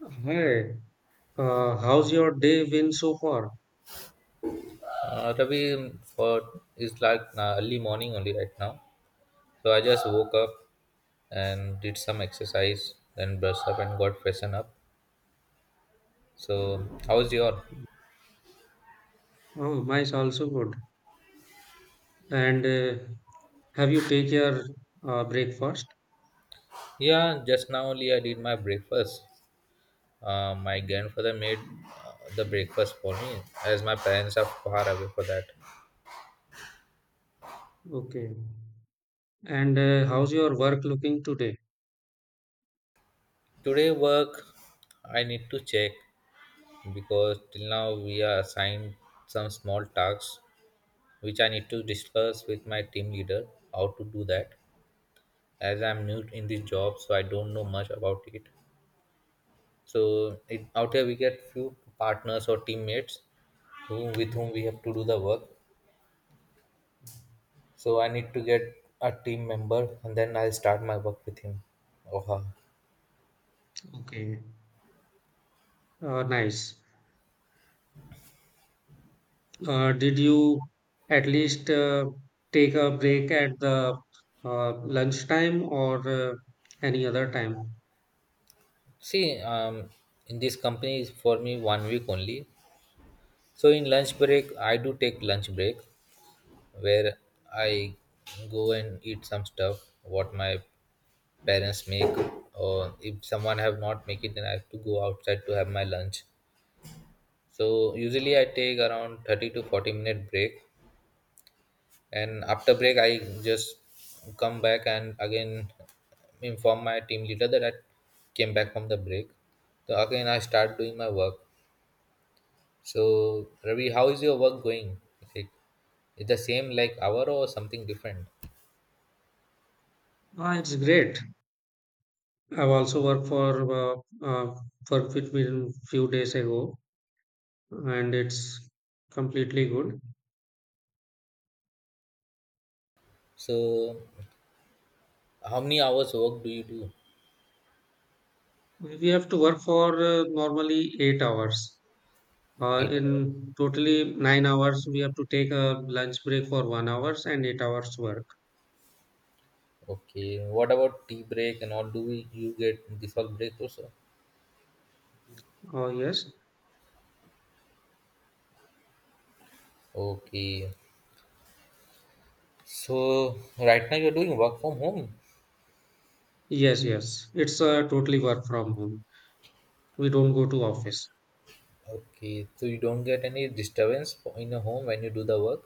Hi, how's your day been so far? Ravi, for it's like early morning only right now. So I just woke up and did some exercise, then brushed up and got freshened up. So how's your? Oh, mine's also good. And have you take your breakfast? Yeah, just now only I did my breakfast. My grandfather made the breakfast for me, as my parents are far away for that. Okay. And how's your work looking today? Today work, I need to check because till now we are assigned some small tasks which I need to discuss with my team leader how to do that. As I'm new in this job, so I don't know much about it. So out here we get few partners or teammates who with whom we have to do the work. So I need to get a team member, and then I'll start my work with him or her. Okay. Nice. Did you at least take a break at the lunchtime or any other time? See, in this company is for me 1 week only. So in lunch break, I do take lunch break where I go and eat some stuff what my parents make, or if someone have not make it then I have to go outside to have my lunch. So usually I take around 30 to 40 minute break, and after break I just come back and again inform my team leader that I came back from the break. So again I start doing my work. So Ravi, how is your work going? Is it is the same like hour or something different? Ah, it's great. I've also uh, uh, worked with me few days ago. And it's completely good. So how many hours work do you do? We have to work for normally 8 hours. 8 hours. In totally 9 hours, we have to take a lunch break for 1 hours and 8 hours work. Okay. What about tea break and all? Do you get this all break also? Oh, yes, Okay. So right now you're doing work from home. yes, yes. It's totally work from home. We don't go to office. Okay, so you don't get any disturbance for- in your home when you do the work.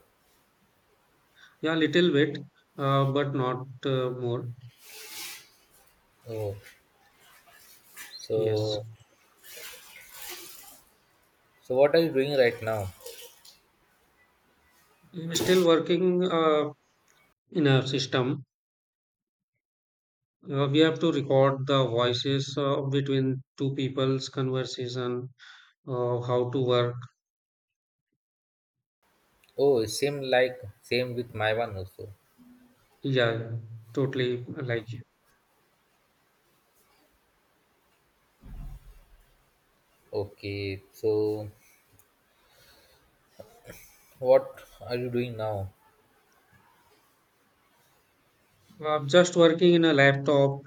Yeah, little bit, but not more. Oh, Yes, so so what are you doing right now? I'm still working in a system. We have to record the voices between two people's conversation how to work. Oh, same like same with my one also. Yeah, totally. Like Okay, so what are you doing now? Just working in a laptop,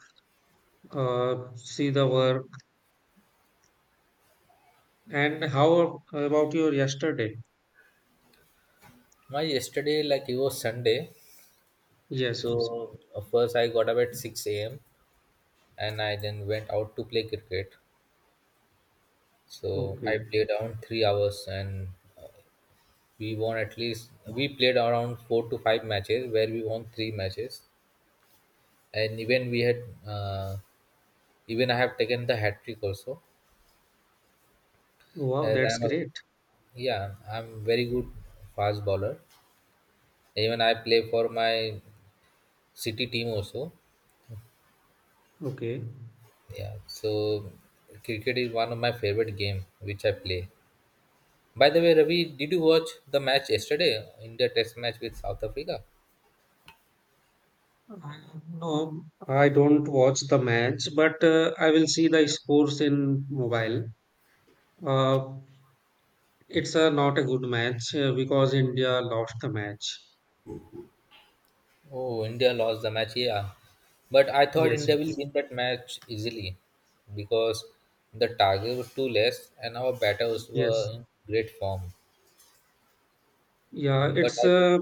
see the work. And how about your yesterday? My yesterday like it was Sunday. Yes, yes. So first I got up at six a.m. and I then went out to play cricket. So Okay. I played around 3 hours and we won, at least we played around four to five matches where we won three matches, and even we had even I have taken the hat trick also, Wow, as that's I'm a great. yeah I'm very good fast bowler. Even I play for my city team also. Okay. Yeah, so cricket is one of my favorite game which I play. By the way, Ravi, did you watch the match yesterday, in the test match with South Africa? Uh, No, I don't watch the match, but I will see the scores in mobile. Uh, it's a not a good match because India lost the match. Oh, India lost the match, yeah. But I thought Yes, India will yes, win that match easily because the target was too less and our batters yes. were in great form. Yeah, But it's I don't, uh,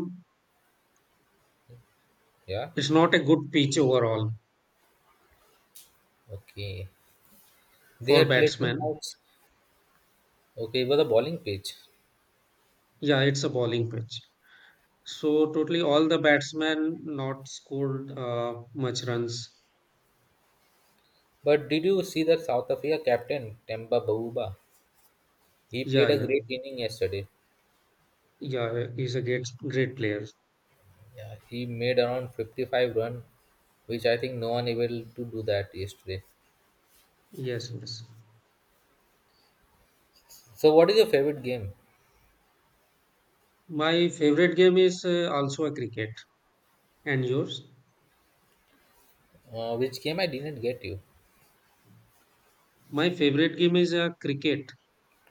yeah, it's not a good pitch overall. okay. They For had played the batsmen, match, okay, it was a bowling pitch. yeah, it's a bowling pitch. So totally all the batsmen not scored much runs. But did you see the South Africa captain, Temba Bawuba? He Yeah, played a yeah, great inning yesterday. yeah. He's a great, great player. Yeah, he made around 55 run, which I think no one able to do that yesterday. Yes, yes. So, what is your favorite game? My favorite game is also a cricket. And yours? Which game? I didn't get you? My favorite game is a cricket.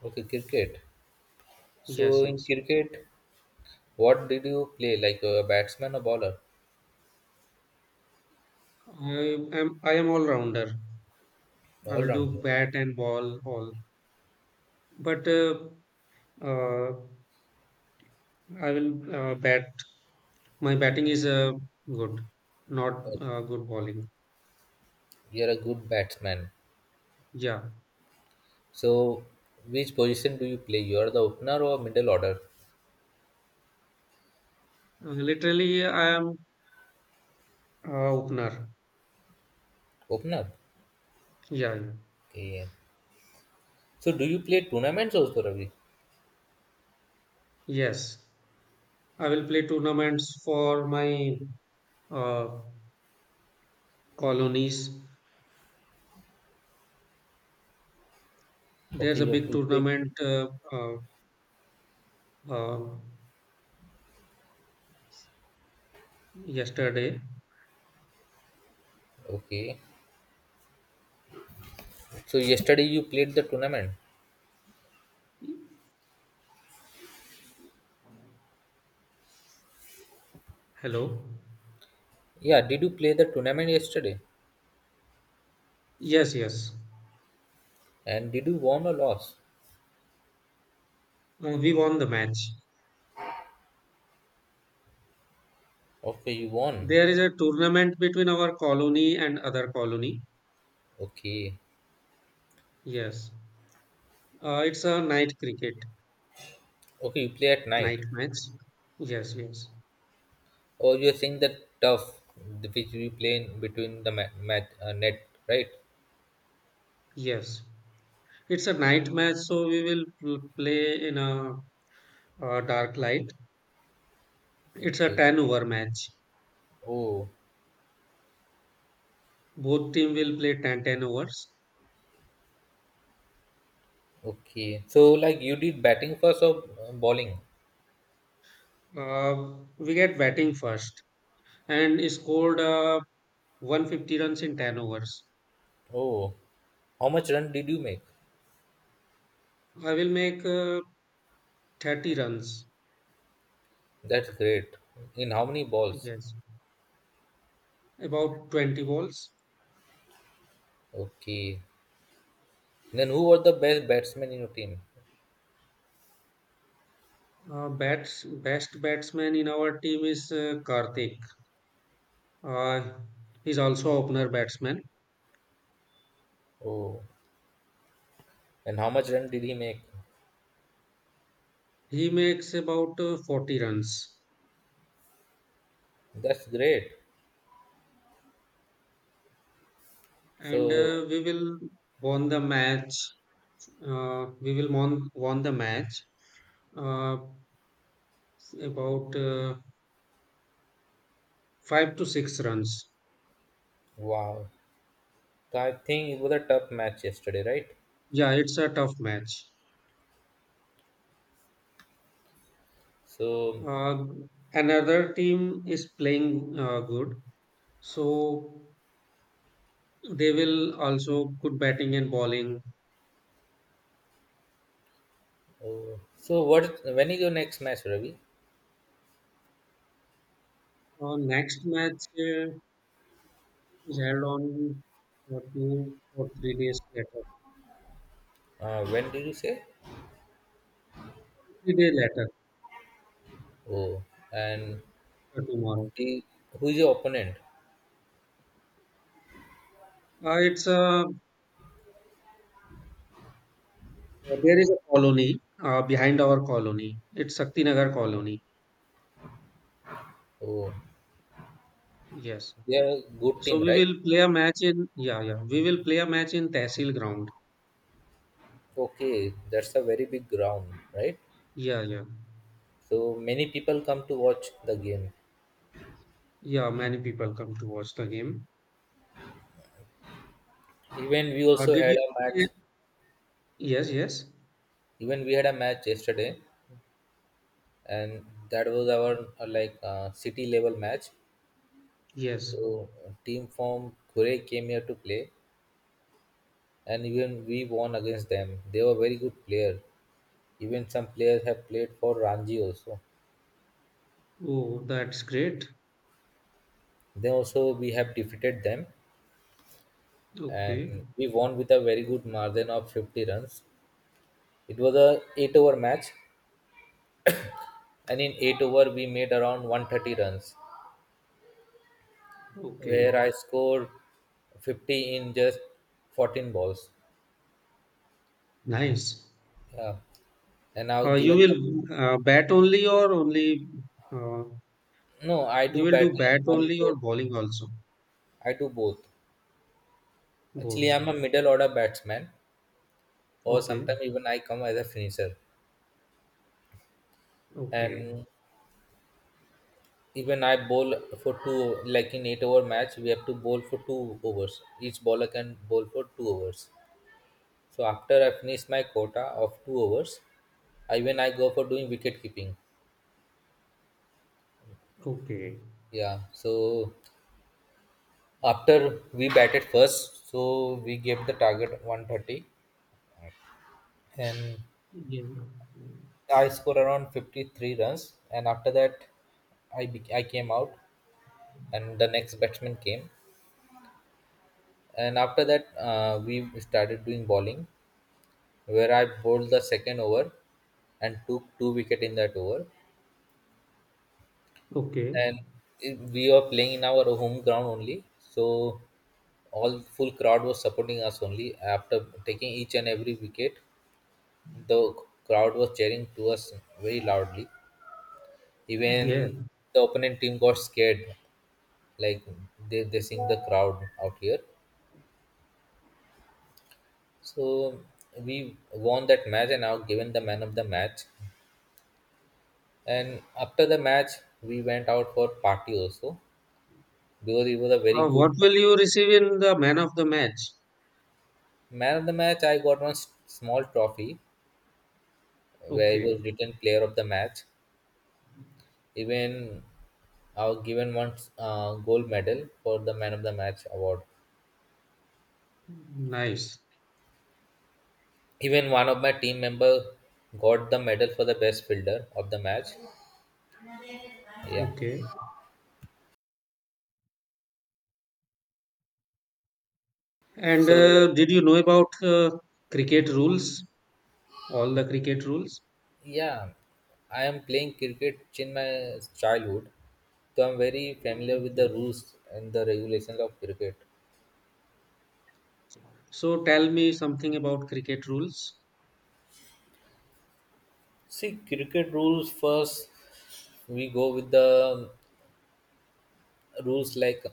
Okay, cricket. Yes, So in yes. cricket, what did you play? Like a batsman or bowler? I I am all rounder. I All will do rounder. bat and ball all. But uh, I will bat. My batting is good, not good bowling. You're a good batsman. Yeah, So which position do you play? You are the opener or middle order? Literally, I am a opener. Opener. Yeah, yeah, Okay. So do you play tournaments also, Ravi? yes. I will play tournaments for my uh, colonies. There's Okay, a you big you play- tournament uh, yesterday. Okay. So yesterday you played the tournament. Hello. Yeah. Did you play the tournament yesterday? Yes, yes. And did you won or lost? We won the match. Okay, you won. There is a tournament between our colony and other colony. Okay. Yes. It's a night cricket, Okay, you play at night. night match. Yes, yes, Oh, you're saying that tough, which we play in between the mat, mat net, right? yes. It's a night match, so we will play in a, dark light. It's a Okay. 10 over match. Oh, Both team will play ten overs. okay. So, like, you did batting first or bowling? Uh, we get batting first and scored 150 runs in 10 overs. Oh, how much run did you make? I will make 30 runs. That's great. In how many balls? Yes, about 20 balls. Okay. Then who were the best batsmen in your team? Bats best batsman in our team is Karthik. Uh, he's also opener batsman. Oh, and how much run did he make? He makes about 40 runs. That's great. And So, we will won the match. We will won the match uh, about 5 to 6 runs. wow. So I think it was a tough match yesterday, right? Yeah, it's a tough match. So Uh, Another team is playing good, so they will also good batting and bowling. oh, so what? When is your next match, Ravi? Next match is held on 2 or 3 days later. When did you say? 3 days later, Oh, and tomorrow. the, who is your opponent? It's a There is a colony behind our colony. It's Saktinagar colony. Oh, Yes. they are a good So team, we right? will play a match in. Yeah, yeah. We will play a match in Tehsil ground. Okay, that's a very big ground, right? Yeah, yeah, So many people come to watch the game. yeah. Many people come to watch the game. Even we also Did you had a match. play- Yes, yes, Even we had a match yesterday, and that was our like city level match. yes. So team from Kure came here to play, and even we won against them. They were very good player. Even some players have played for Ranji also. Oh, that's great. Then also we have defeated them, and Okay, we won with a very good margin of 50 runs. It was a 8 over match and in 8 over we made around 130 runs, where okay. I scored 50 in just 14 balls. Nice. Yeah. And now You given the will bat only or only? Uh, no, I you do will batting do and bat bowling only or both. bowling also? I do both. Actually, Both. I'm a middle order batsman, or Okay, sometimes even I come as a finisher. okay, And even I bowl for two, like in 8 hour match we have to bowl for two overs. Each bowler can bowl for two overs. So after I finish my quota of two overs, I when I go for doing wicket keeping. okay. Yeah. So after we batted first, so we gave the target 130, and Yeah. I scored around 53 runs, and after that I came out and the next batsman came, and after that we started doing bowling where I bowled the second over and took two wicket in that over. Okay. And it- we were playing in our home ground only, so all full crowd was supporting us only. After taking each and every wicket, the crowd was cheering to us very loudly. Yeah. Even the opponent team got scared, like they seeing the crowd out here. So we won that match and now given the man of the match. And after the match, we went out for party also because he was a very What good will you receive in the man of the match? man of the match. I got one small trophy where it was Okay. written player of the match. Even I was given one gold medal for the man of the match award. Nice. Even one of my team member got the medal for the best fielder of the match. Yeah. Okay. And So did you know about cricket rules? All the cricket rules? yeah, I am playing cricket in my childhood, so I'm very familiar with the Okay. rules and the regulations of cricket. So tell me something about cricket rules. See, cricket rules first. We go with the rules like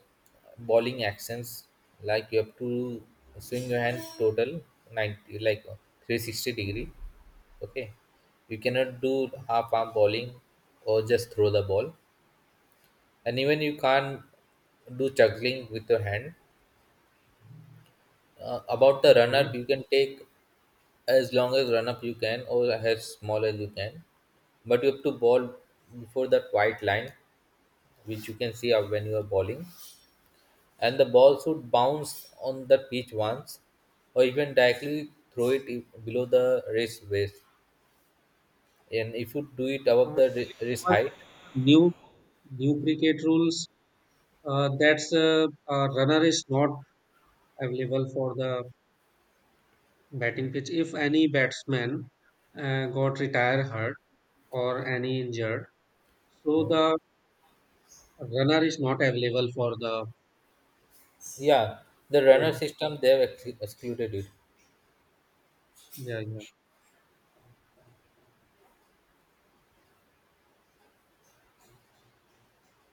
bowling actions, like you have to swing your hand total 90, like 360 degree. Okay, you cannot do half arm bowling or just throw the ball, and even you can't do juggling with your hand. About the run up, Okay. you can take as long as run up you can or as small as you can, but you have to bowl before that white line which you can see out when you are bowling, and the ball should bounce on the pitch once, or even directly throw it below the race waist. And if you do it Uh, above the wrist what about height, new new cricket rules? That's a runner is not available for the batting pitch if any batsman got retired hurt, or any injured. So the runner is not available for the. yeah, the runner system they have excluded it. Yeah, yeah.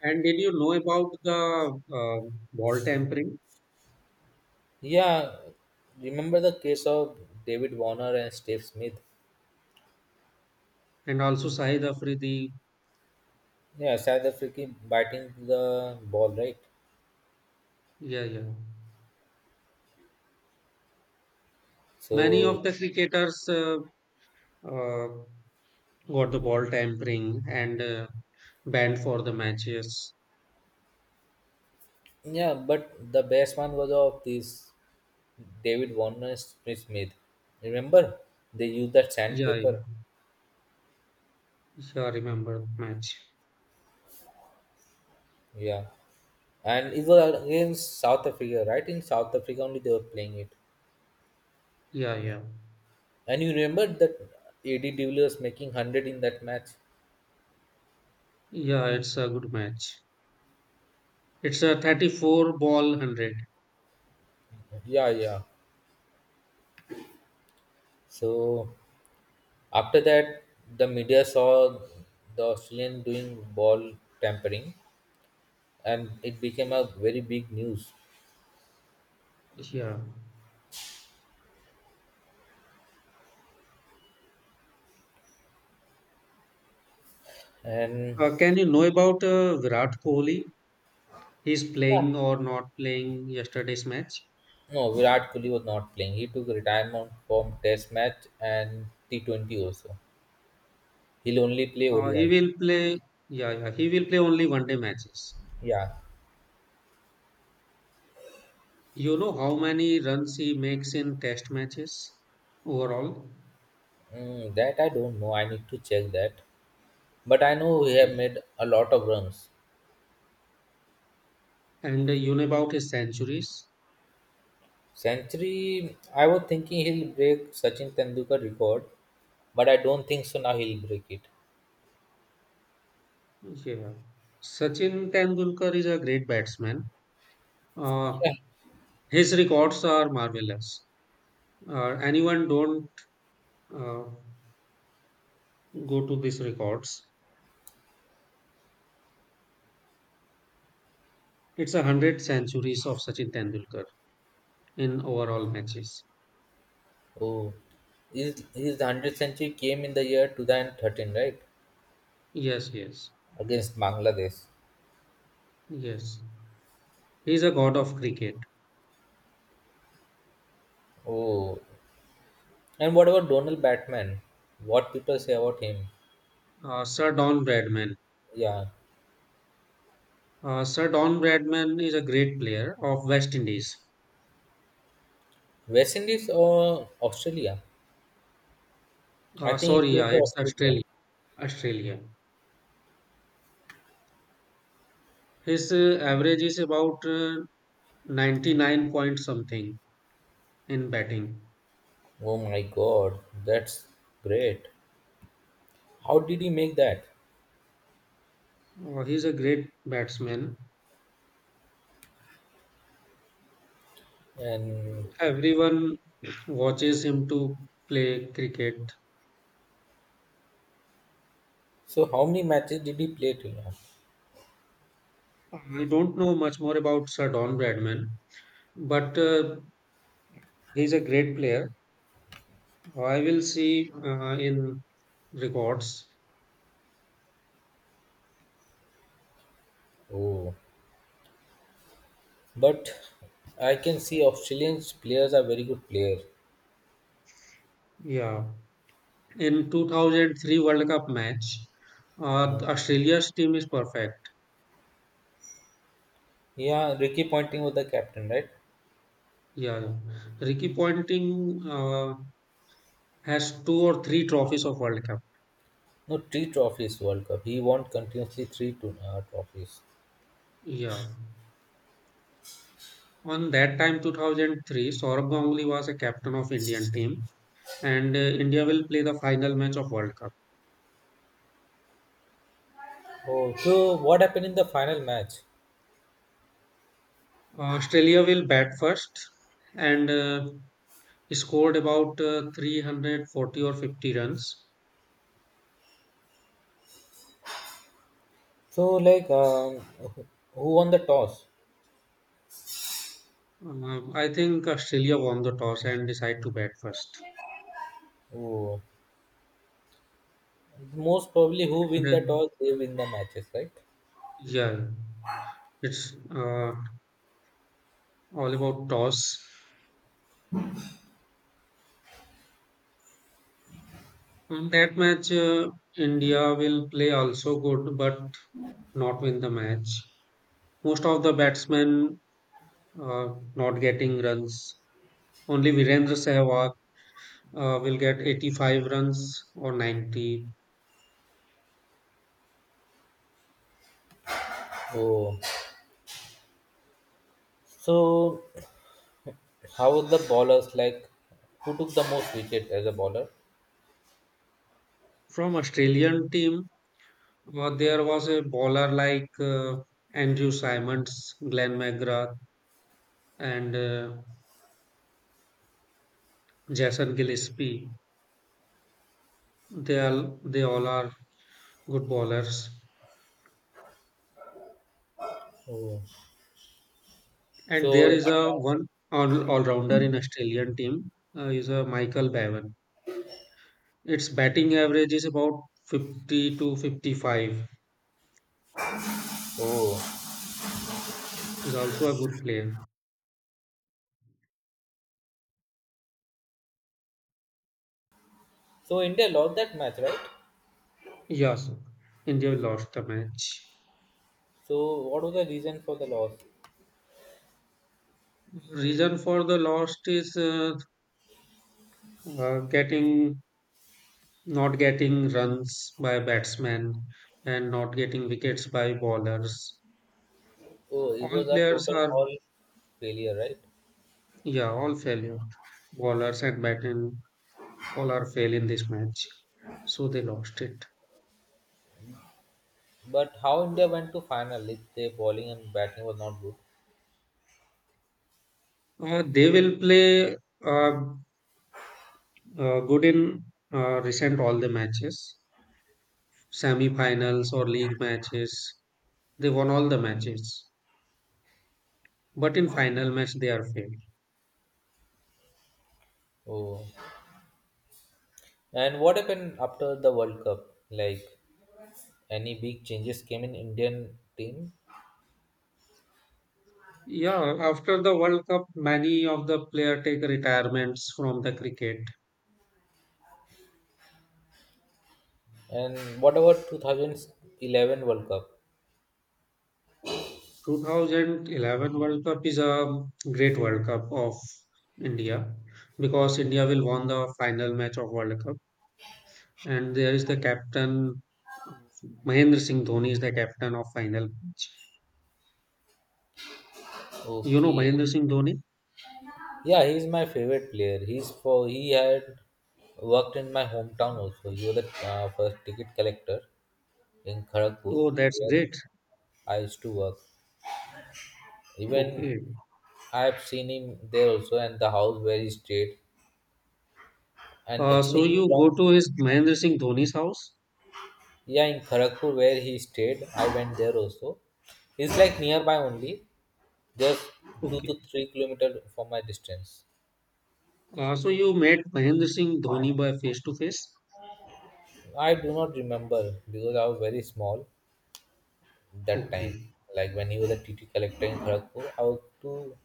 And did you know about the ball tampering Yeah, remember the case of David Warner and Steve Smith? and also Sahid Afridi? Yeah, South Africa biting the ball, right? Yeah, yeah. Many So of the cricketers uh, got the ball tampering and banned for the matches. yeah, but the best one was of this David Warner Smith. Remember, they used that Yeah, sandpaper. yeah, yeah, I remember the match. Yeah, and it was against South Africa, right? In South Africa only they were playing it. Yeah, yeah, And you remember that AD de Villiers making hundred in that match. yeah. It's a good match. It's a 34 ball 100. Yeah, yeah. So after that, the media saw the Australian doing ball tampering, and it became a very big news. Yeah. And Can you know about Virat Kohli? He's yeah, playing or not playing yesterday's match? no, Virat Kohli was not playing. He took retirement from Test match and T20 also. He'll only play He ODI. will play. Yeah, yeah. He will play only 1 day matches. Yeah, You know how many runs he makes in test matches overall? mm, that I don't know. I need to check that. But I know he Okay. have made a lot of runs. And you know about his centuries? Century, I was thinking he'll break Sachin Tendulkar record, but I don't think so. Now he'll break it. Yeah. Sachin Tendulkar is a great batsman. Uh, Yeah. his records are marvelous. Anyone don't uh, go to these records. It's 100 centuries of Sachin Tendulkar in overall matches. Oh, his hundred century came in the year 2013, right? Yes, yes, Against Bangladesh. yes. He's a god of cricket. Oh, and what about Donald Batman? What people say about him? Sir Don Bradman. Yeah, Sir Don Bradman is a great player of West Indies. West Indies or Australia? I think he Sorry, played yeah, for it's Australia. Australia. Australia. His average is about 99 point something in batting. Oh my God, that's great. How did he make that? He's a great batsman. And Everyone watches him to play cricket. so, how many matches did he play till now? I don't know much more about Sir Don Bradman, but he's a great player. I will see in records. Oh, but I can see Australian players are very good players. Yeah. In 2003 World Cup match, Mm. Australia's team is perfect. Yeah, Ricky Ponting was the captain, right? Yeah, yeah. Ricky Ponting has two or three trophies of World Cup. No, three trophies World Cup. He won continuously three to, trophies. Yeah. On that time, 2003, Saurabh Ganguly was a captain of Indian team, and India will play the final match of World Cup. Oh, so what happened in the final match? Australia will bat first and scored about 340 or 50 runs. So, like, who who won the toss? I think Australia won the toss and decided to bat first. Who most probably who win the Then, toss, they win the matches, right? yeah, it's all about toss. That match, India will play also good, but not win the match. Most of the batsmen not getting runs. Only Virendra Sehwag will get 85 runs or 90. Oh, so how was the bowlers like? Who took the most wicket as a bowler? From Australian team, there was a bowler like Andrew Simons, Glenn McGrath, and Jason Gillespie. They all are good bowlers. Oh, And there so is a one all rounder in Australian team is a Michael Bevan. Its batting average is about 50 to 55. oh, Is also a good player. so India lost that match, right? Yes, India lost the match. So, what was the reason for the loss? Reason for the loss is getting not getting runs by batsmen and not getting wickets by bowlers, Oh, it all was a players total are. all failure, right? Yeah, all failure. Bowlers and batting, all are fail in this match. So they lost it. But how India went to final if their bowling and batting was not good? They will play uh, good in recent all the matches, semi-finals or league matches. They won all the matches, but in final match they are failed. Oh. And what happened after the World Cup? Like any big changes came in Indian team? Yeah, after the World Cup, many of the player take retirements from the cricket. And what about 2011 World Cup? 2011 World Cup is a great World Cup of India because India will won the final match of World Cup, and there is the captain, uh, Mahendra Singh Dhoni is the captain of final. You know Okay. Mahendra Singh Dhoni? Yeah, he's my favorite player. He had worked in my hometown also. He was the first ticket collector in Kharagpur Oh, that's where great. I used to work. Even Okay. I have seen him there also and the house where he stayed. And actually So he you go belongs. to his Mahendra Singh Dhoni's house. Yeah, in Kharagpur where he stayed, I went there also. It's like nearby only, just two Okay. to three kilometer from my distance. So you met Mahendra Singh Dhoni by face to face. I do not remember because I was very small that Okay. time. Like when he was a TT collector in Kharagpur, I was too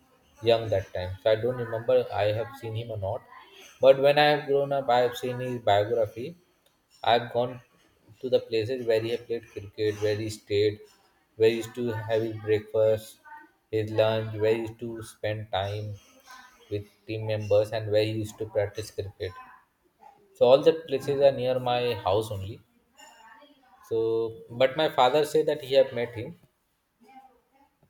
young that time, so I don't remember I have seen him or not. But when I have grown up, I have seen his biography, I've gone to the places where he had played cricket, where he stayed, where he used to have his breakfast, his lunch, where he used to spend time with team members, and where he used to practice cricket. So all the places are near my house only. So, but my father said that he have met him,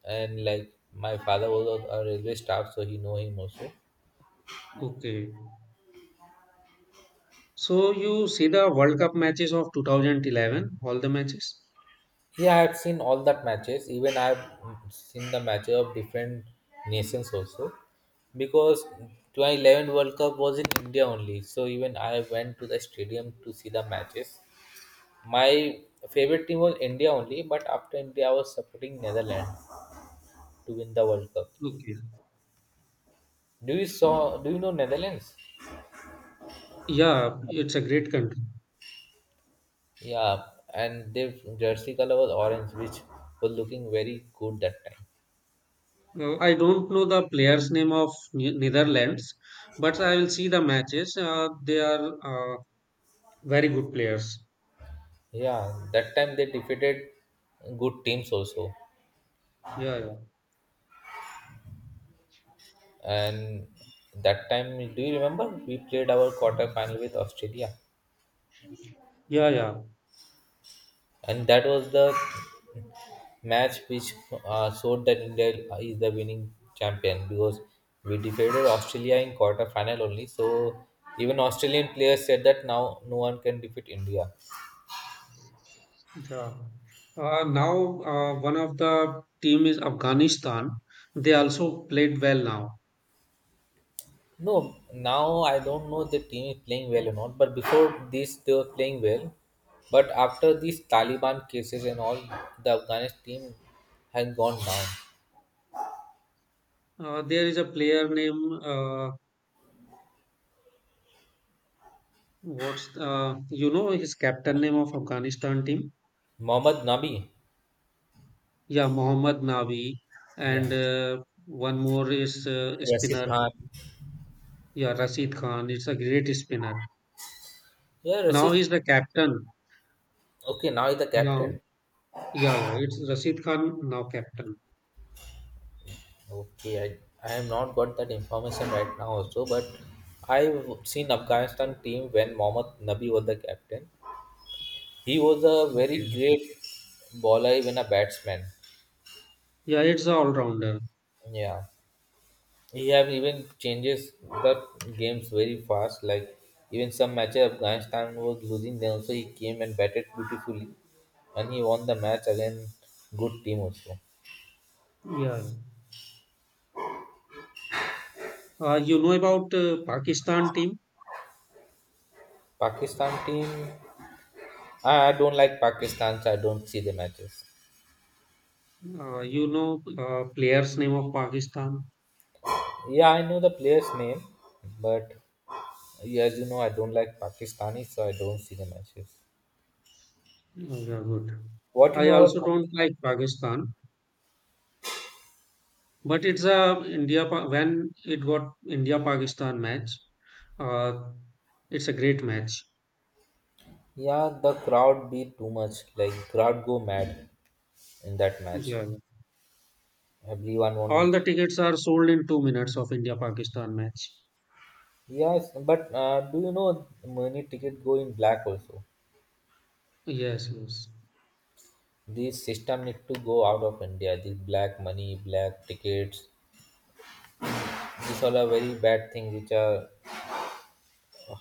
and like my father was a railway staff, so he know him also. Okay. So you see the World Cup matches of 2011, all the matches? Yeah, I've seen all that matches. Even I've seen the matches of different nations also. Because 2011 World Cup was in India only. So even I went to the stadium to see the matches. My favorite team was India only, but after India I was supporting Netherlands to win the World Cup. Okay. Do you know Netherlands? Yeah, it's a great country. Yeah, and their jersey color was orange, which was looking very good that time. I don't know the players' name of Netherlands, but I will see the matches. They are very good players. Yeah, that time they defeated good teams also. Yeah, yeah, And that time do you remember we played our quarter final with Australia, yeah, yeah. and that was the match which showed that India is the winning champion because we defeated Australia in quarter final only. So even Australian players said that now no one can defeat India. Yeah. Now, one of the team is Afghanistan. They also played well now. No, now I don't know the team is playing well or not, but before this they were playing well, but after these Taliban cases and all, the Afghanistan team has gone down. There is a player name. What's You know his captain name of Afghanistan team? Mohammad Nabi. Yeah, Mohammad Navi, Yeah. and one more is Rasif spinner. Khan. Yeah, Rashid Khan, it's a great spinner. Yeah, Now Rasif. he's the captain. Okay, now he's the Now, captain. yeah, yeah, it's Rashid Khan, now captain. Okay, I have not got that information right now also, but I've seen Afghanistan team when Mohammad Nabi was the captain. He was a very Okay. great bowler, even a batsman. Yeah, it's all rounder. Yeah. He have even changes the games very fast. Like even some matches Afghanistan was losing, then also he came and batted beautifully and he won the match against good team also. Yeah. You know about Pakistan team? Pakistan team. I don't like Pakistan, so I don't see the matches. You know players' name of Pakistan? Yeah, I know the player's name, but yeah, as you know, I don't like Pakistani, so I don't see the matches. Oh, yeah, good. What you I know about also don't Pakistan? like Pakistan, but it's a India when it got India Pakistan match. Uh, it's a great match. Yeah, the crowd be too much. Like crowd go mad in that match. Yeah. Everyone All won. the tickets are sold in 2 minutes of India Pakistan match. Yes, but do you know money ticket go in black also? Yes, yes, This system need to go out of India. This black money, black tickets. These all are very bad thing which are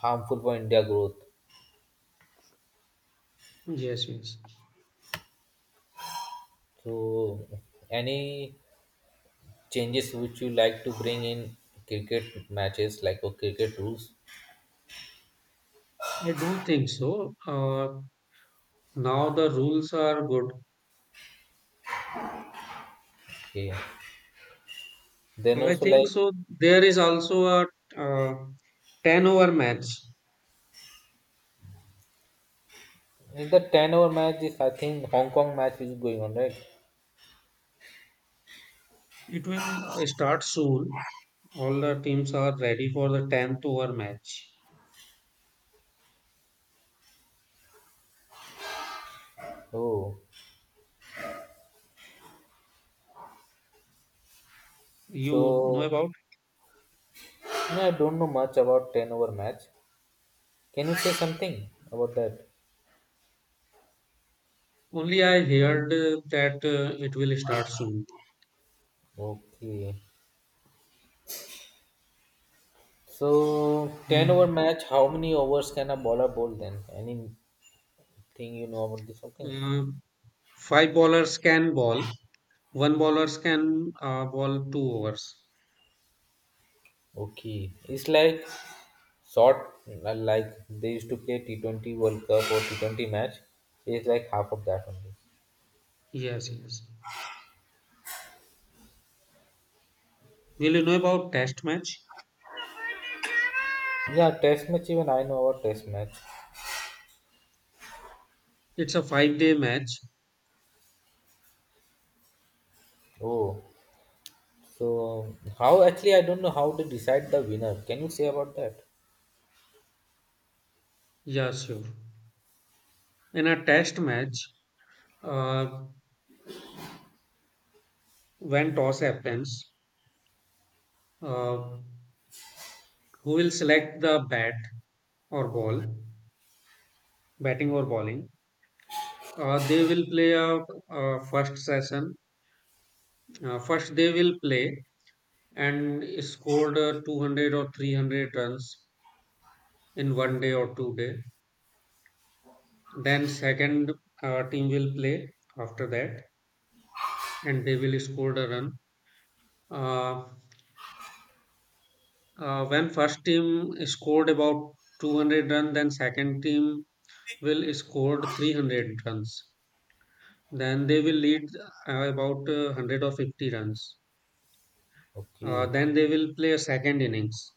harmful for India growth. yes, yes. So, any changes which you like to bring in cricket matches, like or cricket rules? I don't think so. Now the rules are good. Okay. Then I also think like so. There is also a uh, 10 over match. in the ten over match is I think Hong Kong match is going on, right? It will start soon. All the teams are ready for the 10th over match. Oh, You know so about? yeah, I don't know much about ten over match. Can you say something about that? Only I heard that it will start soon. Okay. So ten over Mm. match, how many overs can a bowler bowl then? Anything you know about this? Okay. Uh, Five bowlers can bowl. One bowlers can bowl 2 overs. Okay, it's like sort like they used to play T20 World Cup or T20 match. It's like half of that only. Yes, yes. Will you know about test match? Yeah, test match even I know about test match. It's a 5 day match. Oh, so how actually I don't know how to decide the winner. Can you say about that? Yeah, sure. In a test match, uh, when toss happens, uh, who will select the bat or ball, batting or bowling? They will play a, first session. First, they will play and scored 200 or 300 runs in 1 day or 2 day. Then second team will play after that, and they will score a run. Uh, when first team scored about 200 runs, then second team will scored 300 runs. Then they will lead about 100 or 50 runs. Okay, Then they will play a second innings,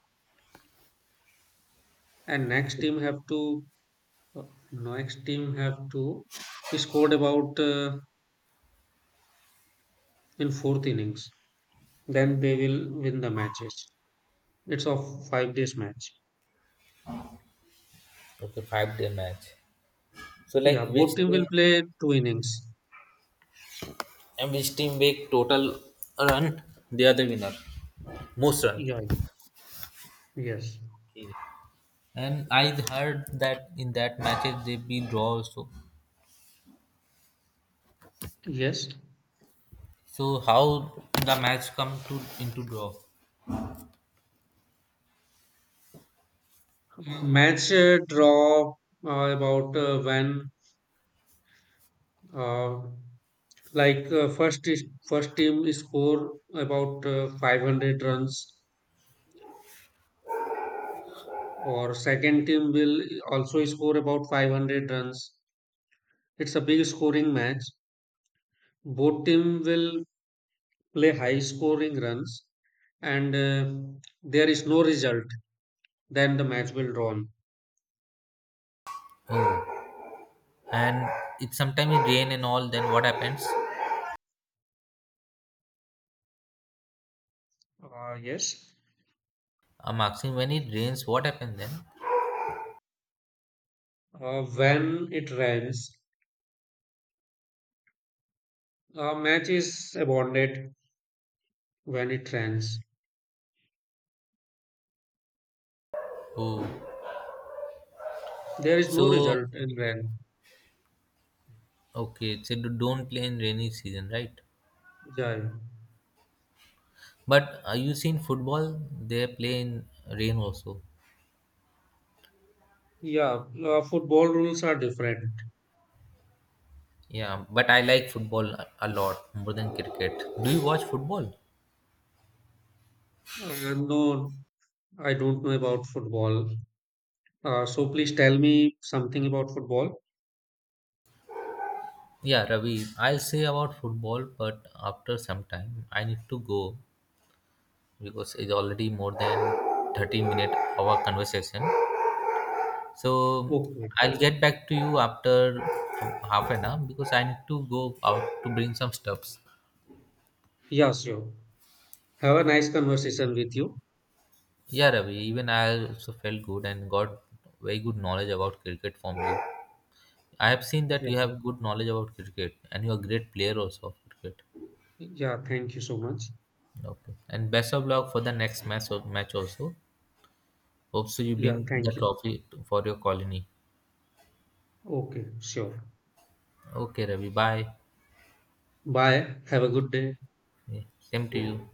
and next team have to uh, next team have to scored about in fourth innings. Then they will win the matches. It's a 5 days match. okay, 5 day match. So Yeah, like which both team will team play 2 innings. and which team make total run, they are the winner. Most run. Yeah. Yes. Okay. And I heard that in that matches they be draw also. Yes. So how the match come to into draw? Match draw about when uh, like first team score about 500 runs or second team will also score about 500 runs. It's a big scoring match. Both team will play high scoring runs, and there is no result, then the match will draw on. Oh. And it sometimes it rain and all. Then what happens? Yes. I'm asking when it rains, what happens then? When it rains, a match is abandoned when it rains. Oh, There is no so result in okay. So don't play in rainy season, right? Ranjai. But are you seen football? They play in rain also. Yeah, football rules are different. Yeah, but I like football a lot more than cricket. Do you watch football? No, I don't know about football. So please tell me something about football. Yeah, Ravi, I'll say about football, but after some time I need to go, because it's already more than 30 minute our conversation. So Okay. I'll get back to you after half an hour because I need to go out to bring some stuffs. Yeah, sure. Have a nice conversation with you. Yeah, Ravi, even I also felt good and got very good knowledge about cricket from you. I have seen that Yeah. you have good knowledge about cricket and you're a great player also of cricket. Yeah, thank you so much. Okay, and best of luck for the next match also. Hope so you Yeah, bring the thank you. trophy for your colony. Okay, sure. Okay, Ravi, bye. Bye. Have a good day. Yeah, same to you.